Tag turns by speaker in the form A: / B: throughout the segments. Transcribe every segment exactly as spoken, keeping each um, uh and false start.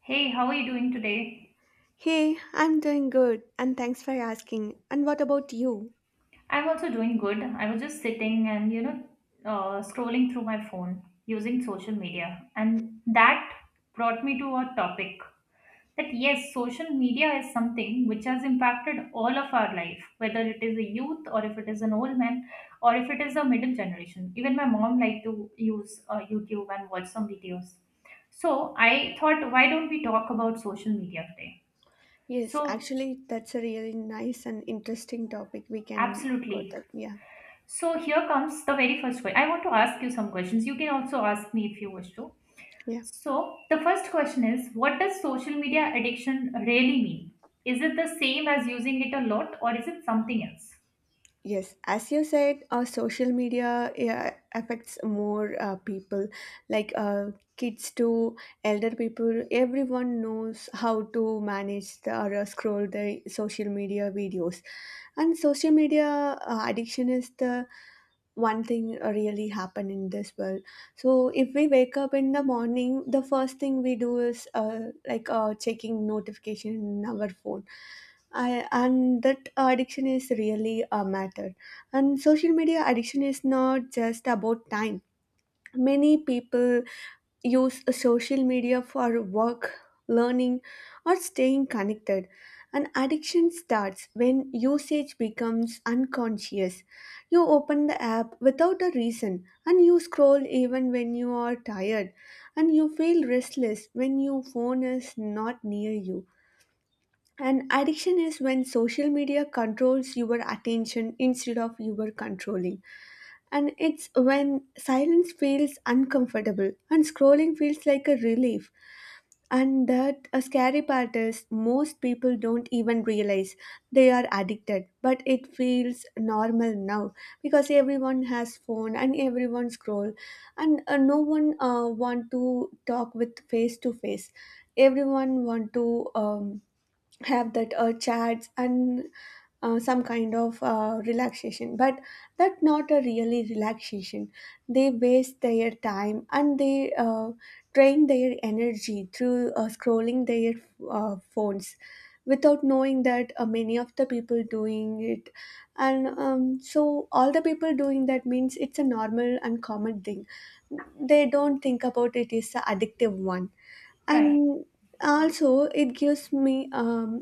A: Hey, how are you doing today?
B: Hey, I'm doing good, and thanks for asking. And what about you?
A: I'm also doing good. I was just sitting and, you know, uh, scrolling through my phone using social media. And that brought me to a topic that, yes, social media is something which has impacted all of our life, whether it is a youth or if it is an old man or if it is a middle generation. Even my mom liked to use uh, YouTube and watch some videos. So I thought, why don't we talk about social media today?
B: Yes,
A: So,
B: actually, that's a really nice and interesting topic. We can go
A: absolutely.
B: that. Yeah,
A: So here comes the very first question. I want to ask you some questions. You can also ask me if you wish to.
B: yeah.
A: So the first question is, what does social media addiction really mean? Is it the same as using it a lot or is it something else?
B: Yes, as you said, uh, social media, yeah, affects more uh, people, like uh, kids to elder people. Everyone knows how to manage the, or uh, scroll the social media videos, and social media uh, addiction is the one thing really happen in this world. So if we wake up in the morning, the first thing we do is uh, like uh, checking notification in our phone. I, and that addiction is really a matter, and social media addiction is not just about time. Many people use social media for work, learning, or staying connected. An addiction starts when usage becomes unconscious. You open the app without a reason and you scroll even when you are tired, and you feel restless when your phone is not near you. And addiction is when social media controls your attention instead of your controlling. And it's when silence feels uncomfortable and scrolling feels like a relief. And that a scary part is most people don't even realize they are addicted, but it feels normal now because everyone has phone and everyone scroll, and uh, no one uh, want to talk with face to face. Everyone want to um, have that uh, chats and uh, some kind of uh, relaxation, but that not a really relaxation. They waste their time and they uh, drain their energy through uh, scrolling their uh, phones without knowing that, uh, many of the people doing it. And um, so all the people doing that means it's a normal and common thing. They don't think about it is a addictive one.
A: Right.
B: And also it gives me um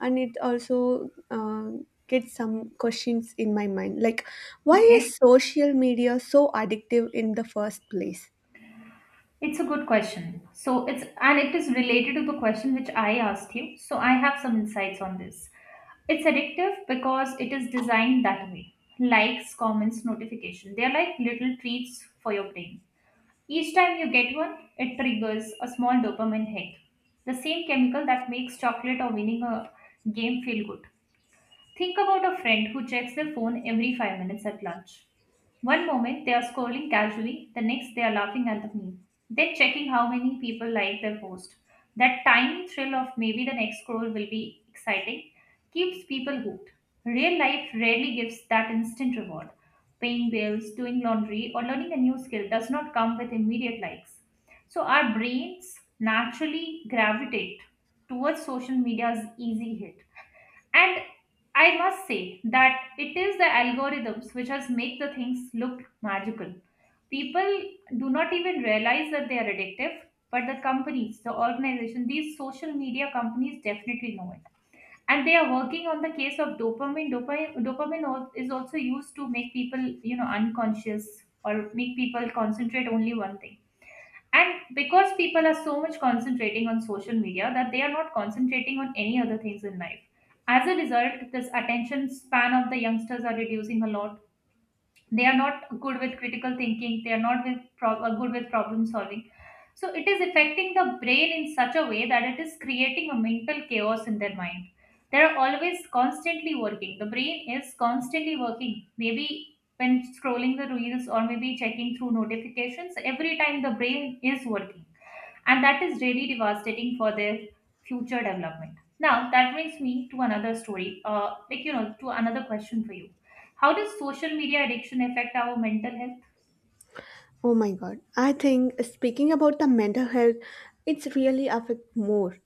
B: and it also uh, gets some questions in my mind, like why
A: Okay.
B: is social media so addictive in the first place?
A: It's a good question. So it's and it is related to the question which I asked you. So I have some insights on this. It's addictive because it is designed that way. Likes, comments, notification. They are like little treats for your brain. Each time you get one, it triggers a small dopamine hit, the same chemical that makes chocolate or winning a game feel good. Think about a friend who checks their phone every five minutes at lunch. One moment they are scrolling casually, the next they are laughing at the meme, then checking how many people like their post. That tiny thrill of maybe the next scroll will be exciting keeps people hooked. Real life rarely gives that instant reward. Paying bills, doing laundry, or learning a new skill does not come with immediate likes. So our brains naturally gravitate towards social media's easy hit. And I must say that it is the algorithms which has make the things look magical. People do not even realize that they are addictive, but the companies, the organization, these social media companies definitely know it. And they are working on the case of dopamine. Dopamine, dopamine al- is also used to make people, you know, unconscious or make people concentrate only one thing, and because people are so much concentrating on social media that they are not concentrating on any other things in life. As a result, this attention span of the youngsters are reducing a lot. They are not good with critical thinking, they are not with pro- uh, good with problem solving. So it is affecting the brain in such a way that it is creating a mental chaos in their mind. They are always constantly working, the brain is constantly working, maybe when scrolling the reels or maybe checking through notifications. Every time the brain is working, and that is really devastating for their future development. Now that brings me to another story uh, like you know to another question for you: how does social media addiction affect our mental health?
B: Oh my god, I think speaking about the mental health, it's really affect more.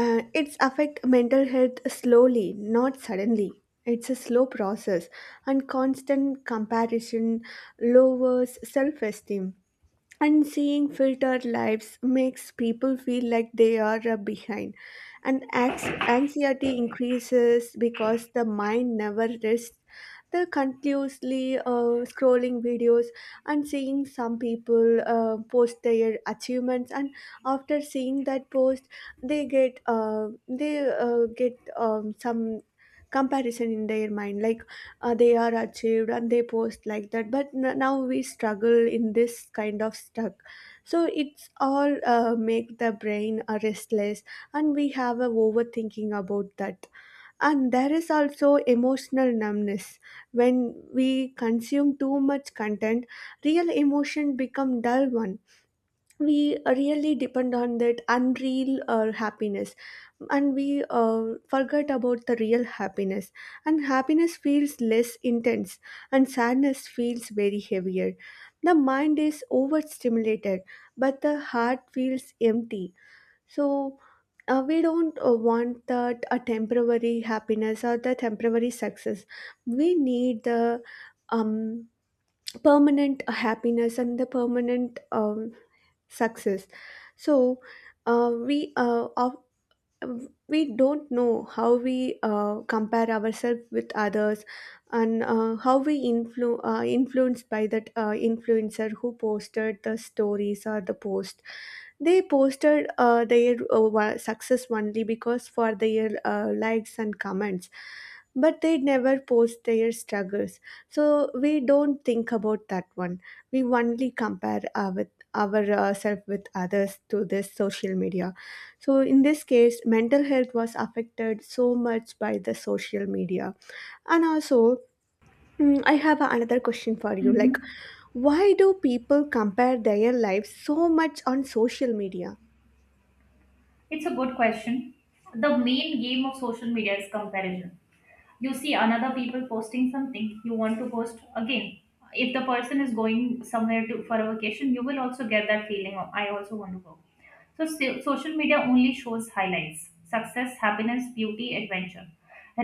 B: uh, It's affect mental health slowly, not suddenly. It's a slow process, and constant comparison lowers self-esteem, and seeing filtered lives makes people feel like they are uh, behind, and ax- anxiety increases because the mind never rests, the continuously uh, scrolling videos and seeing some people uh, post their achievements. And after seeing that post, they get uh, they uh, get um, some comparison in their mind, like uh, they are achieved and they post like that, but n- now we struggle in this kind of stuck. So it's all uh, make the brain uh, restless, and we have a overthinking about that. And there is also emotional numbness. When we consume too much content, real emotion become dull one. We really depend on that unreal or happiness, and we uh, forget about the real happiness. And happiness feels less intense and sadness feels very heavier. The mind is overstimulated but the heart feels empty. So uh, we don't uh, want that a temporary happiness or the temporary success. We need the um, permanent happiness and the permanent um, success. So uh, we uh, of we don't know how we uh, compare ourselves with others, and uh, how we influ- uh, influenced by that uh, influencer who posted the stories or the post. They posted uh, their uh, wa- success only because for their uh, likes and comments, but they never post their struggles. So we don't think about that one. We only compare uh, with ourselves with others to this social media. So in this case, mental health was affected so much by the social media, and also. Mm, I have another question for you. Like,
A: Hmm.
B: why do people compare their lives so much on social media?
A: It's a good question. The main game of social media is comparison. You see another people posting something, you want to post again. If the person is going somewhere to for a vacation, you will also get that feeling of I also want to go. So, so social media only shows highlights: success, happiness, beauty, adventure,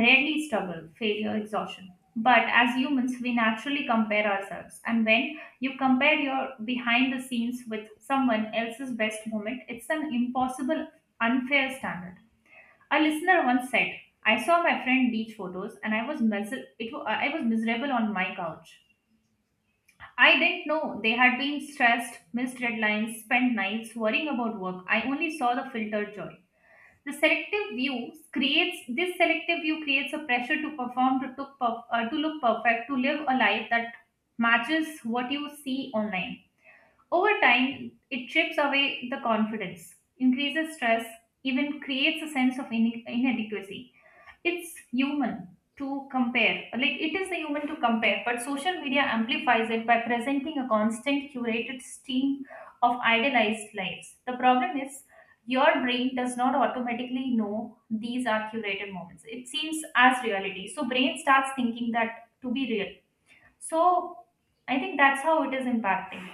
A: rarely struggle, failure, exhaustion. But as humans we naturally compare ourselves, and when you compare your behind the scenes with someone else's best moment, it's an impossible, unfair standard. A listener once said, "I saw my friend beach photos, and I was mis- it wa- I was miserable on my couch. I didn't know they had been stressed, missed deadlines, spent nights worrying about work. I only saw the filtered joy." The selective view creates this selective view creates a pressure to perform, to took perf- uh, to look perfect, to live a life that matches what you see online. Over time, it chips away the confidence, increases stress, even creates a sense of ine- inadequacy. It's human to compare, like it is the human to compare, but social media amplifies it by presenting a constant curated stream of idealized lives. The problem is, your brain does not automatically know these are curated moments. It seems as reality, so brain starts thinking that to be real. So I think that's how it is impacting.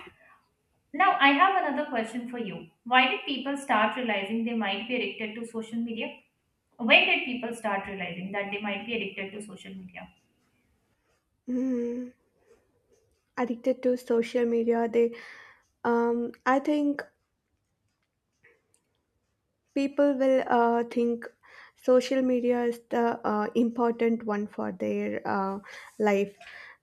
A: Now, I have another question for you. Why did people start realizing they might be addicted to social media? When did people start realizing that they might be addicted to social media?
B: Mm, addicted to social media they um, I think people will uh, think social media is the uh, important one for their uh, life,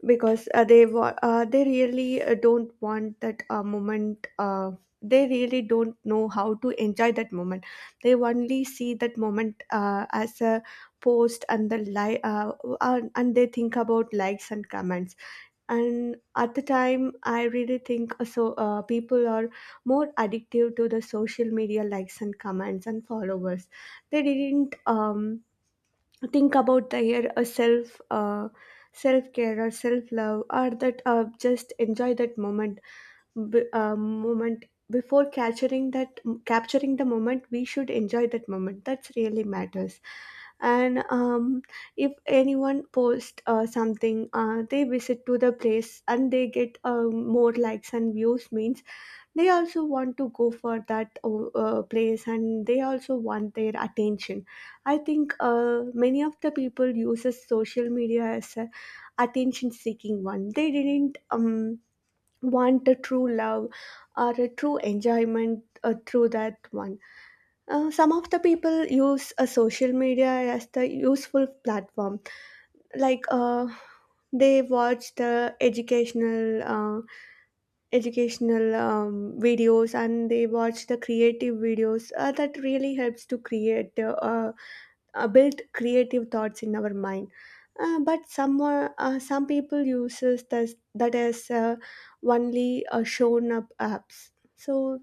B: because uh, they wa- uh, they really uh, don't want that uh, moment. Uh, they really don't know how to enjoy that moment. They only see that moment uh, as a post and the li- uh, uh, and they think about likes and comments. And at the time I really think, uh, so uh, people are more addictive to the social media likes and comments and followers. They didn't um, think about their uh, self uh, self care or self love or that uh, just enjoy that moment. B- uh, moment before capturing that, capturing the moment, we should enjoy that moment. That's really matters. And um, if anyone post uh, something, uh, they visit to the place and they get uh, more likes and views means they also want to go for that uh, uh, place, and they also want their attention. I think uh, many of the people uses social media as a attention seeking one. They didn't um, want a true love or a true enjoyment uh, through that one. Uh, some of the people use a social media as the useful platform, like uh, they watch the educational uh, educational um, videos, and they watch the creative videos. Uh, that really helps to create uh, uh, build creative thoughts in our mind. Uh, but some uh, uh, some people uses this, that as uh, only uh, shown up apps. So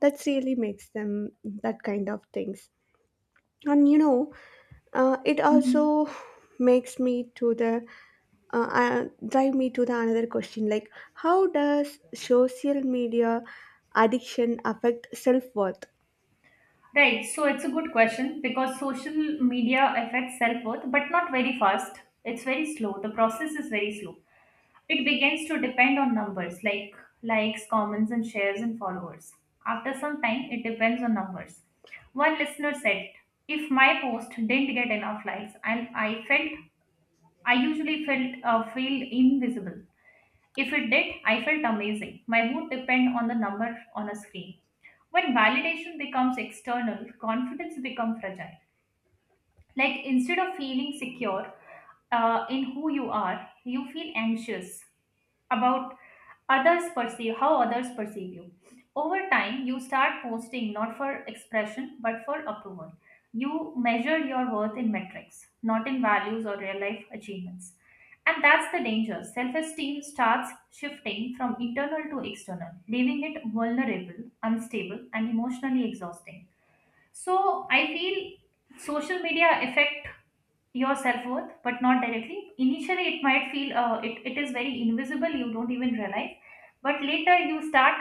B: that's really makes them that kind of things. And you know, uh, it
A: Mhm.
B: also makes me to the uh, uh, drive me to the another question, like how does social media addiction affect self-worth?
A: Right, so it's a good question, because social media affects self worth, but not very fast. It's very slow. The process is very slow. It begins to depend on numbers like likes, comments, and shares and followers. After some time, it depends on numbers. One listener said, if my post didn't get enough likes, and I felt I usually felt uh, feel invisible. If it did, I felt amazing. My mood depend on the number on a screen. When validation becomes external, confidence becomes fragile. Like instead of feeling secure uh, in who you are, you feel anxious about others perceive how others perceive you. Over time you start posting not for expression but for approval. You measure your worth in metrics, not in values or real life achievements. And that's the danger: self esteem starts shifting from internal to external, leaving it vulnerable, unstable, and emotionally exhausting. So I feel social media affect your self-worth, but not directly. Initially, it might feel uh, it, it is very invisible. You don't even realize. But later you start,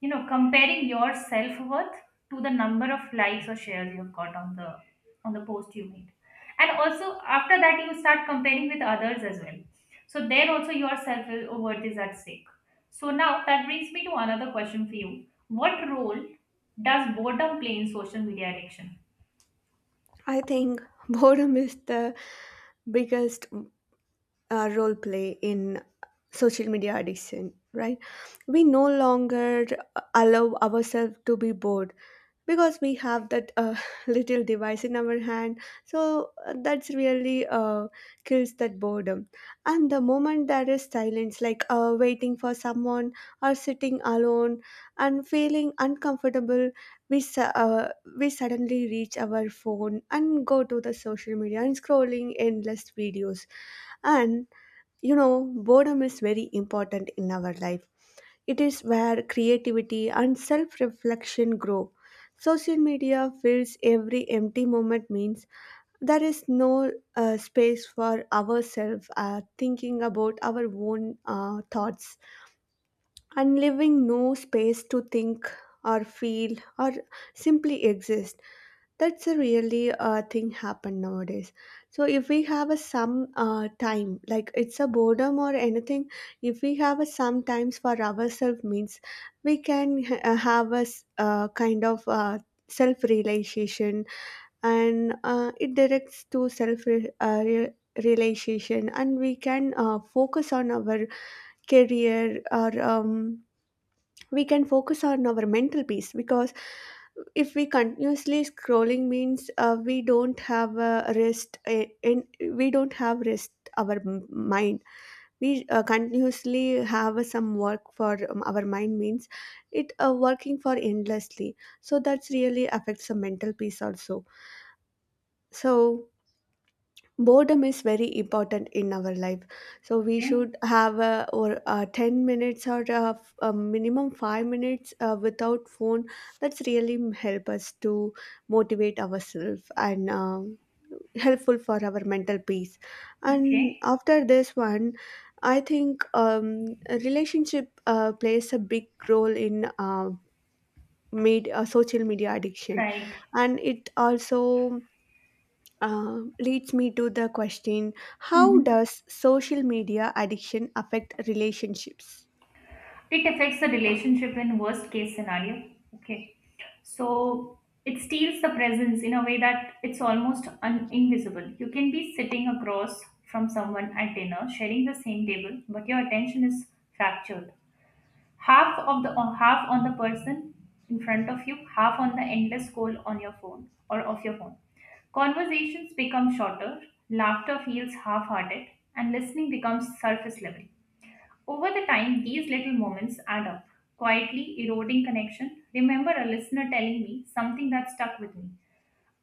A: you know, comparing your self-worth to the number of likes or shares you've got on the on the post you made. And also after that, you start comparing with others as well. So there also your self-worth is at stake. So now that brings me to another question for you. What role does boredom play in social media addiction?
B: I think boredom is the biggest uh, role play in social media addiction, right? We no longer allow ourselves to be bored because we have that uh, little device in our hand. So uh, that's really uh, kills that boredom. And the moment there is silence, like uh, waiting for someone or sitting alone and feeling uncomfortable, we su- uh, we suddenly reach our phone and go to the social media and scrolling endless videos. And you know, boredom is very important in our life. It is where creativity and self reflection grow. Social media fills every empty moment, means there is no uh, space for ourselves uh, thinking about our own uh, thoughts, and leaving no space to think or feel or simply exist. That's a really uh, thing happen nowadays. So if we have a some uh, time, like it's a boredom or anything, if we have a some times for ourselves means we can h- uh, have a s- uh, kind of uh, self realization. And uh, it directs to self re- uh, re- realization, and we can uh, focus on our career or um, we can focus on our mental peace. Because if we continuously scrolling means, uh, we don't have a rest uh, in we don't have rest our m- mind. We uh, continuously have some work for um, our mind means it uh, working for endlessly. So that's really affects the mental peace also. So boredom is very important in our life. So we
A: Okay.
B: should have a, or uh ten minutes or a, f- a minimum five minutes uh, without phone. That's really m- help us to motivate ourselves and um helpful for our mental peace.
A: Okay.
B: And after this one, I think um, a relationship uh, plays a big role in uh, made uh, social media addiction.
A: Right.
B: And it also um, leads me to the question, how
A: Hmm.
B: does social media addiction affect relationships?
A: It affects the relationship in worst case scenario. Okay. So it steals the presence in a way that it's almost un- invisible. You can be sitting across from someone at dinner, sharing the same table, but your attention is fractured. Half of the or half on the person in front of you, half on the endless scroll on your phone or of your phone. Conversations become shorter, laughter feels half hearted, and listening becomes surface level. Over the time, these little moments add up, quietly eroding connection. Remember a listener telling me something that stuck with me.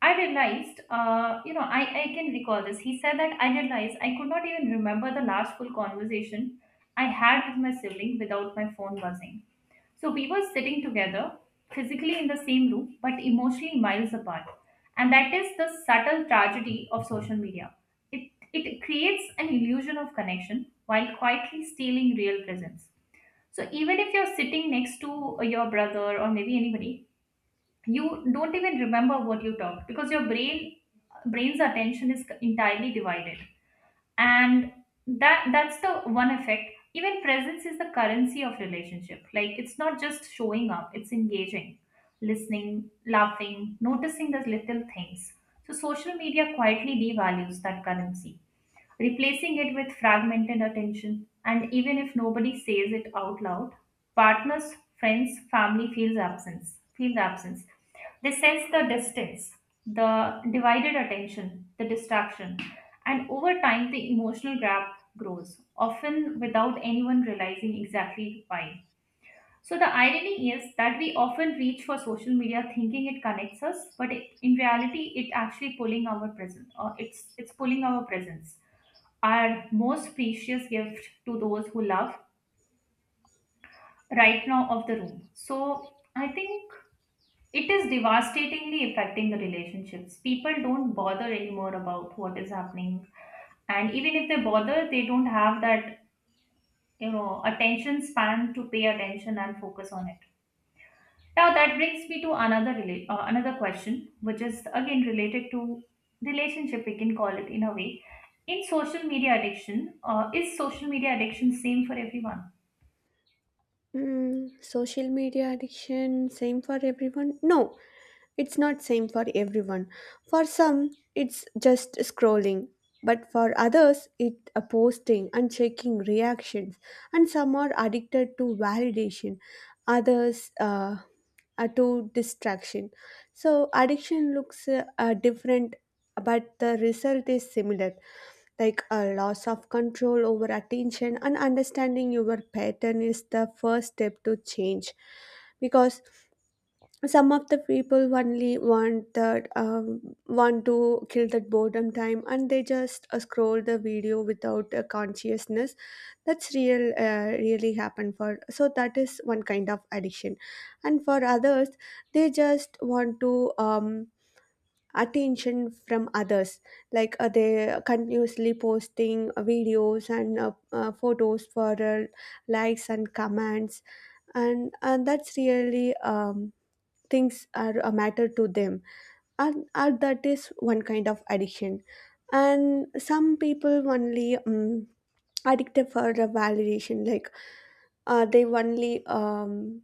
A: I realized, uh, you know, I, I can recall this. He said that I realized I could not even remember the last full conversation I had with my sibling without my phone buzzing. So we were sitting together, physically in the same room, but emotionally miles apart. And that is the subtle tragedy of social media. It, it creates an illusion of connection while quietly stealing real presence. So even if you're sitting next to your brother or maybe anybody, you don't even remember what you talk because your brain brain's attention is entirely divided, and that that's the one effect. Even presence is the currency of relationship, like it's not just showing up, it's engaging, listening, laughing, noticing the little things. So social media quietly devalues that currency, replacing it with fragmented attention. And even if nobody says it out loud, partners, friends, family feels absence, feel the absence. They sense the distance, the divided attention, the distraction. And over time, the emotional gap grows, often without anyone realizing exactly why. So the irony is that we often reach for social media thinking it connects us, but it, in reality, it actually pulling our presence. Uh, it's it's pulling our presence, our most precious gift to those who love right now of the room. So I think it is devastatingly affecting the relationships. People don't bother anymore about what is happening, and even if they bother, they don't have that, you know, attention span to pay attention and focus on it. Now that brings me to another rela- uh, another question, which is again related to relationship. We can call it in a way. In social media addiction, uh, is social media addiction same for everyone?
B: Hmm, social media addiction same for everyone? No, it's not same for everyone. For some, it's just scrolling, but for others, it uh, posting and checking reactions. And some are addicted to validation, others uh, uh, to distraction. So addiction looks uh, uh, different, but the result is similar, like a loss of control over attention, and understanding your pattern is the first step to change. Because some of the people only want that um, want to kill that boredom time, and they just uh, scroll the video without a consciousness that's real uh, really happened for so that is one kind of addiction. And for others, they just want to um attention from others, like uh, they continuously posting videos and uh, uh, photos for uh, likes and comments. And and that's really um things are a matter to them. And, and that is one kind of addiction. And some people only um, addicted for the validation, like uh, they only um,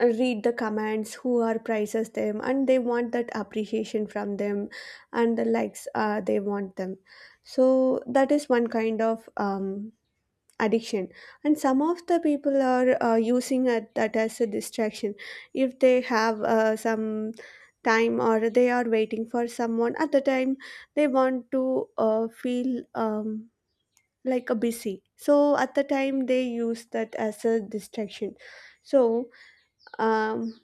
B: read the comments who are praises them, and they want that appreciation from them. And the likes, uh, they want them. So that is one kind of um, addiction. And some of the people are uh, using it, that as a distraction. If they have uh, some time, or they are waiting for someone at the time, they want to uh, feel um, like a busy, so at the time they use that as a distraction. so um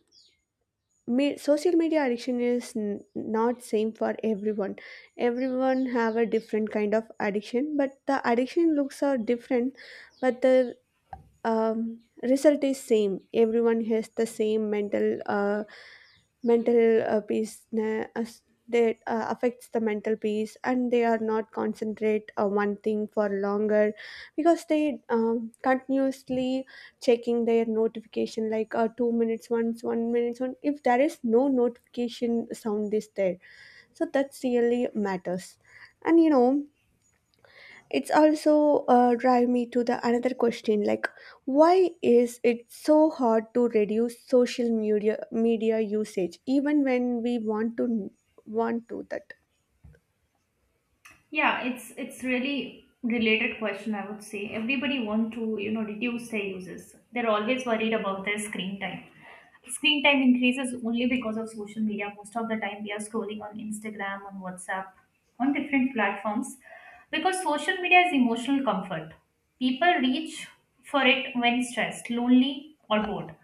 B: me- Social media addiction is n- not same for everyone. Everyone have a different kind of addiction, but the addiction looks are different. But the um, result is same. Everyone has the same mental uh, mental uh, peace. Na- as- that uh, affects the mental peace, and they are not concentrate on one thing for longer, because they um, continuously checking their notification, like uh, two minutes once, one minutes one, if there is no notification sound is there. So that's really matters. And you know, it's also uh, drive me to the another question, like why is it so hard to reduce social media media usage even when we want to want to that.
A: Yeah, it's it's really related question, I would say. Everybody want to, you know, reduce their uses. They're always worried about their screen time. Screen time increases only because of social media. Most of the time we are scrolling on Instagram, on WhatsApp, on different platforms. Because social media is emotional comfort. People reach for it when stressed, lonely, or bored.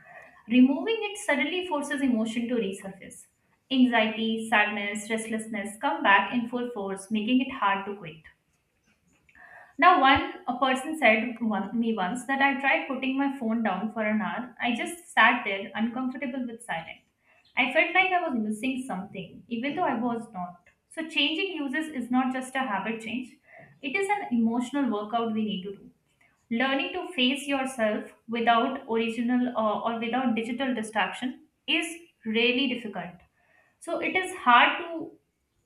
A: Removing it suddenly forces emotion to resurface. Anxiety, sadness, restlessness come back in full force, making it hard to quit. Now, one a person said one, me once that I tried putting my phone down for an hour. I just sat there, uncomfortable with silence. I felt like I was missing something, even though I was not. So, changing uses is not just a habit change; it is an emotional workout we need to do. Learning to face yourself without original uh, or without digital distraction is really difficult. So it is hard to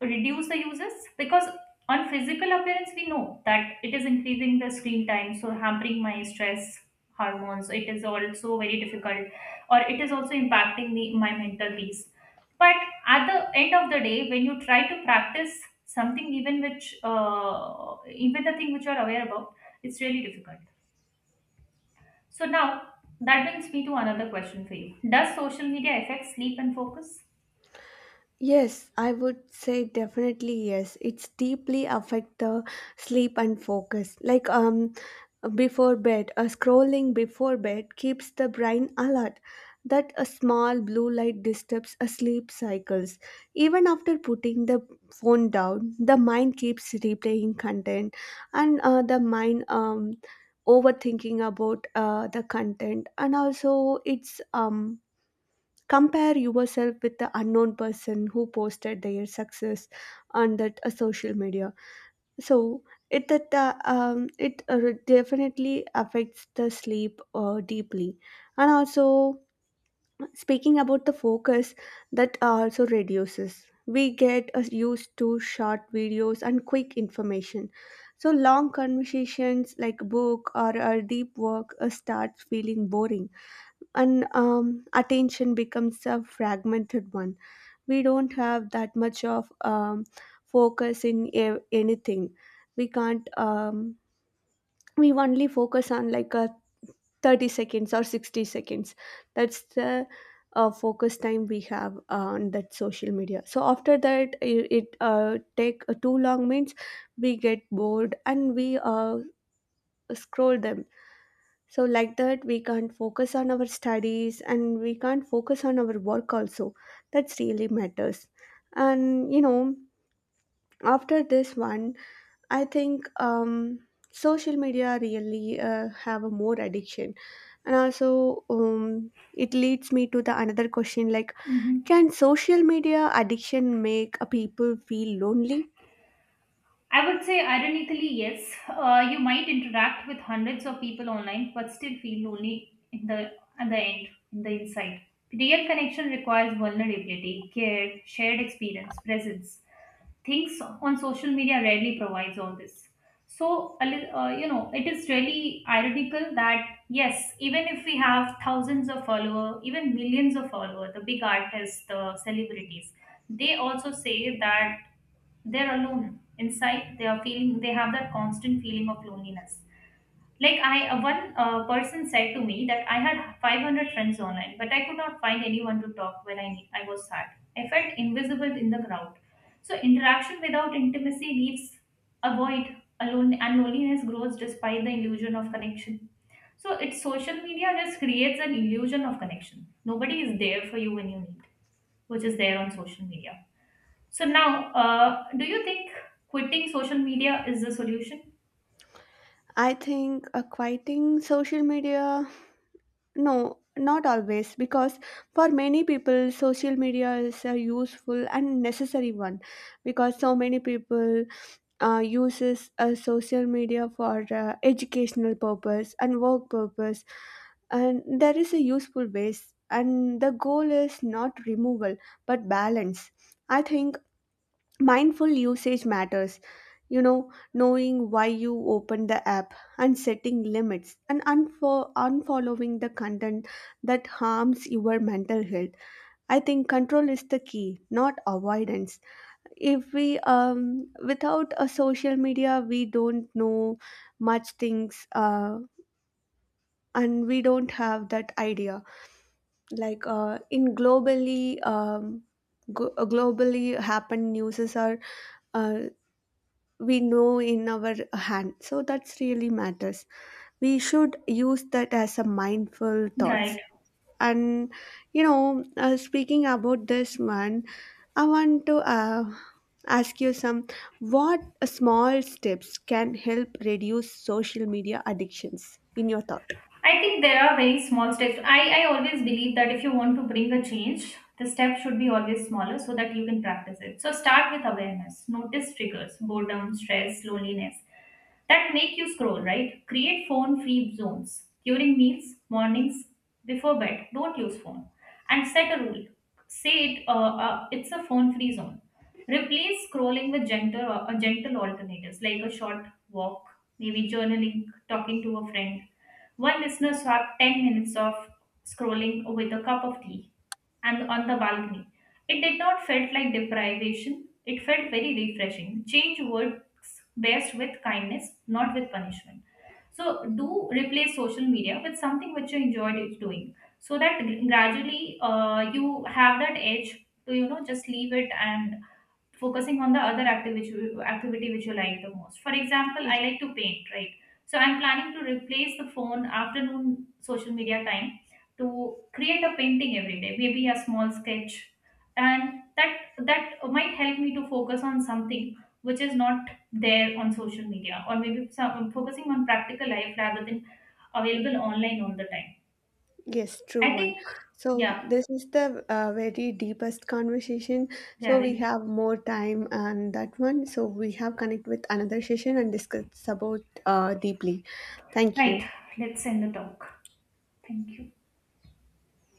A: reduce the uses because on physical appearance we know that it is increasing the screen time, so hampering my stress hormones, it is also very difficult, or it is also impacting me, my mental peace. But at the end of the day, when you try to practice something, even which uh, even the thing which you are aware about, it's really difficult. So now that brings me to another question for you. Does social media affect sleep and focus?
B: Yes, I would say definitely yes. It's deeply affect the sleep and focus. Like um before bed, a scrolling before bed keeps the brain alert. That a small blue light disturbs a sleep cycles. Even after putting the phone down, the mind keeps replaying content, and uh, the mind um overthinking about uh, the content. And also it's um compare yourself with the unknown person who posted their success on that uh, social media. So it that uh, um, it uh, definitely affects the sleep uh, deeply. And also, speaking about the focus, that also reduces. We get uh, used to short videos and quick information, so long conversations like book or a deep work uh, starts feeling boring, and um, attention becomes a fragmented one. We don't have that much of um, focus in a- anything. We can't. Um, we only focus on like a thirty seconds or sixty seconds. That's the uh, focus time we have on that social media. So after that, it, it uh, take uh, too long means we get bored and we uh, scroll them. So, like that, we can't focus on our studies, and we can't focus on our work also. That's really matters. And you know, after this one, I think um, social media really uh, have a more addiction, and also um, it leads me to the another question, like
A: hmm
B: can social media addiction make a people feel lonely?
A: I would say, ironically, yes. Uh, you might interact with hundreds of people online, but still feel lonely in the at the end, in the inside. Real connection requires vulnerability, care, shared experience, presence. Things on social media rarely provides all this. So a lit- uh, you know, it is really ironical that yes, even if we have thousands of followers, even millions of followers, the big artists, the celebrities, they also say that they're alone inside, they are feeling, they have that constant feeling of loneliness. Like I, uh, one uh, person said to me that I had five hundred friends online, but I could not find anyone to talk when I ne- I was sad. I felt invisible in the crowd. So interaction without intimacy leaves a void, alone, and loneliness grows despite the illusion of connection. So it's, social media just creates an illusion of connection. Nobody is there for you when you need, which is there on social media. So now, uh, do you think quitting social media is the solution?
B: I think uh, quieting social media, no, not always, because for many people, social media is a useful and necessary one. Because so many people uh, uses uh, social media for uh, educational purpose and work purpose, and there is a useful ways. And the goal is not removal but balance. I think mindful usage matters. You know, knowing why you open the app and setting limits and unfo- unfollowing the content that harms your mental health. I think control is the key, not avoidance. If we, um, without a social media, we don't know much things, uh, and we don't have that idea. Like, uh, in globally, um, go- globally happen news are uh. we know in our hand, so that's really matters. We should use that as a mindful thoughts.
A: Right.
B: And you know, uh, speaking about this one, I want to uh, ask you some what small steps can help reduce social media addictions in your thought.
A: I think there are very small steps. I, I always believe that if you want to bring a change, the step should be always smaller so that you can practice it. So start with awareness. Notice triggers, boredom, stress, loneliness that make you scroll, right? Create phone free zones during meals, mornings, before bed. Don't use phone. And set a rule. Say it, uh, uh, it's a phone free zone. Replace scrolling with gentle, uh, gentle alternatives like a short walk, maybe journaling, talking to a friend. One listener swapped ten minutes of scrolling with a cup of tea and on the balcony. It did not felt like deprivation. It felt very refreshing. Change works best with kindness, not with punishment. So do replace social media with something which you enjoyed doing, so that gradually uh, you have that edge to, you know, just leave it and focusing on the other activity activity which you like the most. For example, I like to paint, right? So I'm planning to replace the phone afternoon social media time to create a painting every day, maybe a small sketch, and that that might help me to focus on something which is not there on social media, or maybe some, focusing on practical life rather than available online all the time.
B: Yes, true
A: I
B: one.
A: think,
B: So
A: yeah.
B: this is the uh, very deepest conversation.
A: yeah
B: So we
A: right
B: have more time on that one. So we have connect with another session and discuss about uh, deeply. Thank
A: right,
B: you.
A: let's end the talk. Thank you.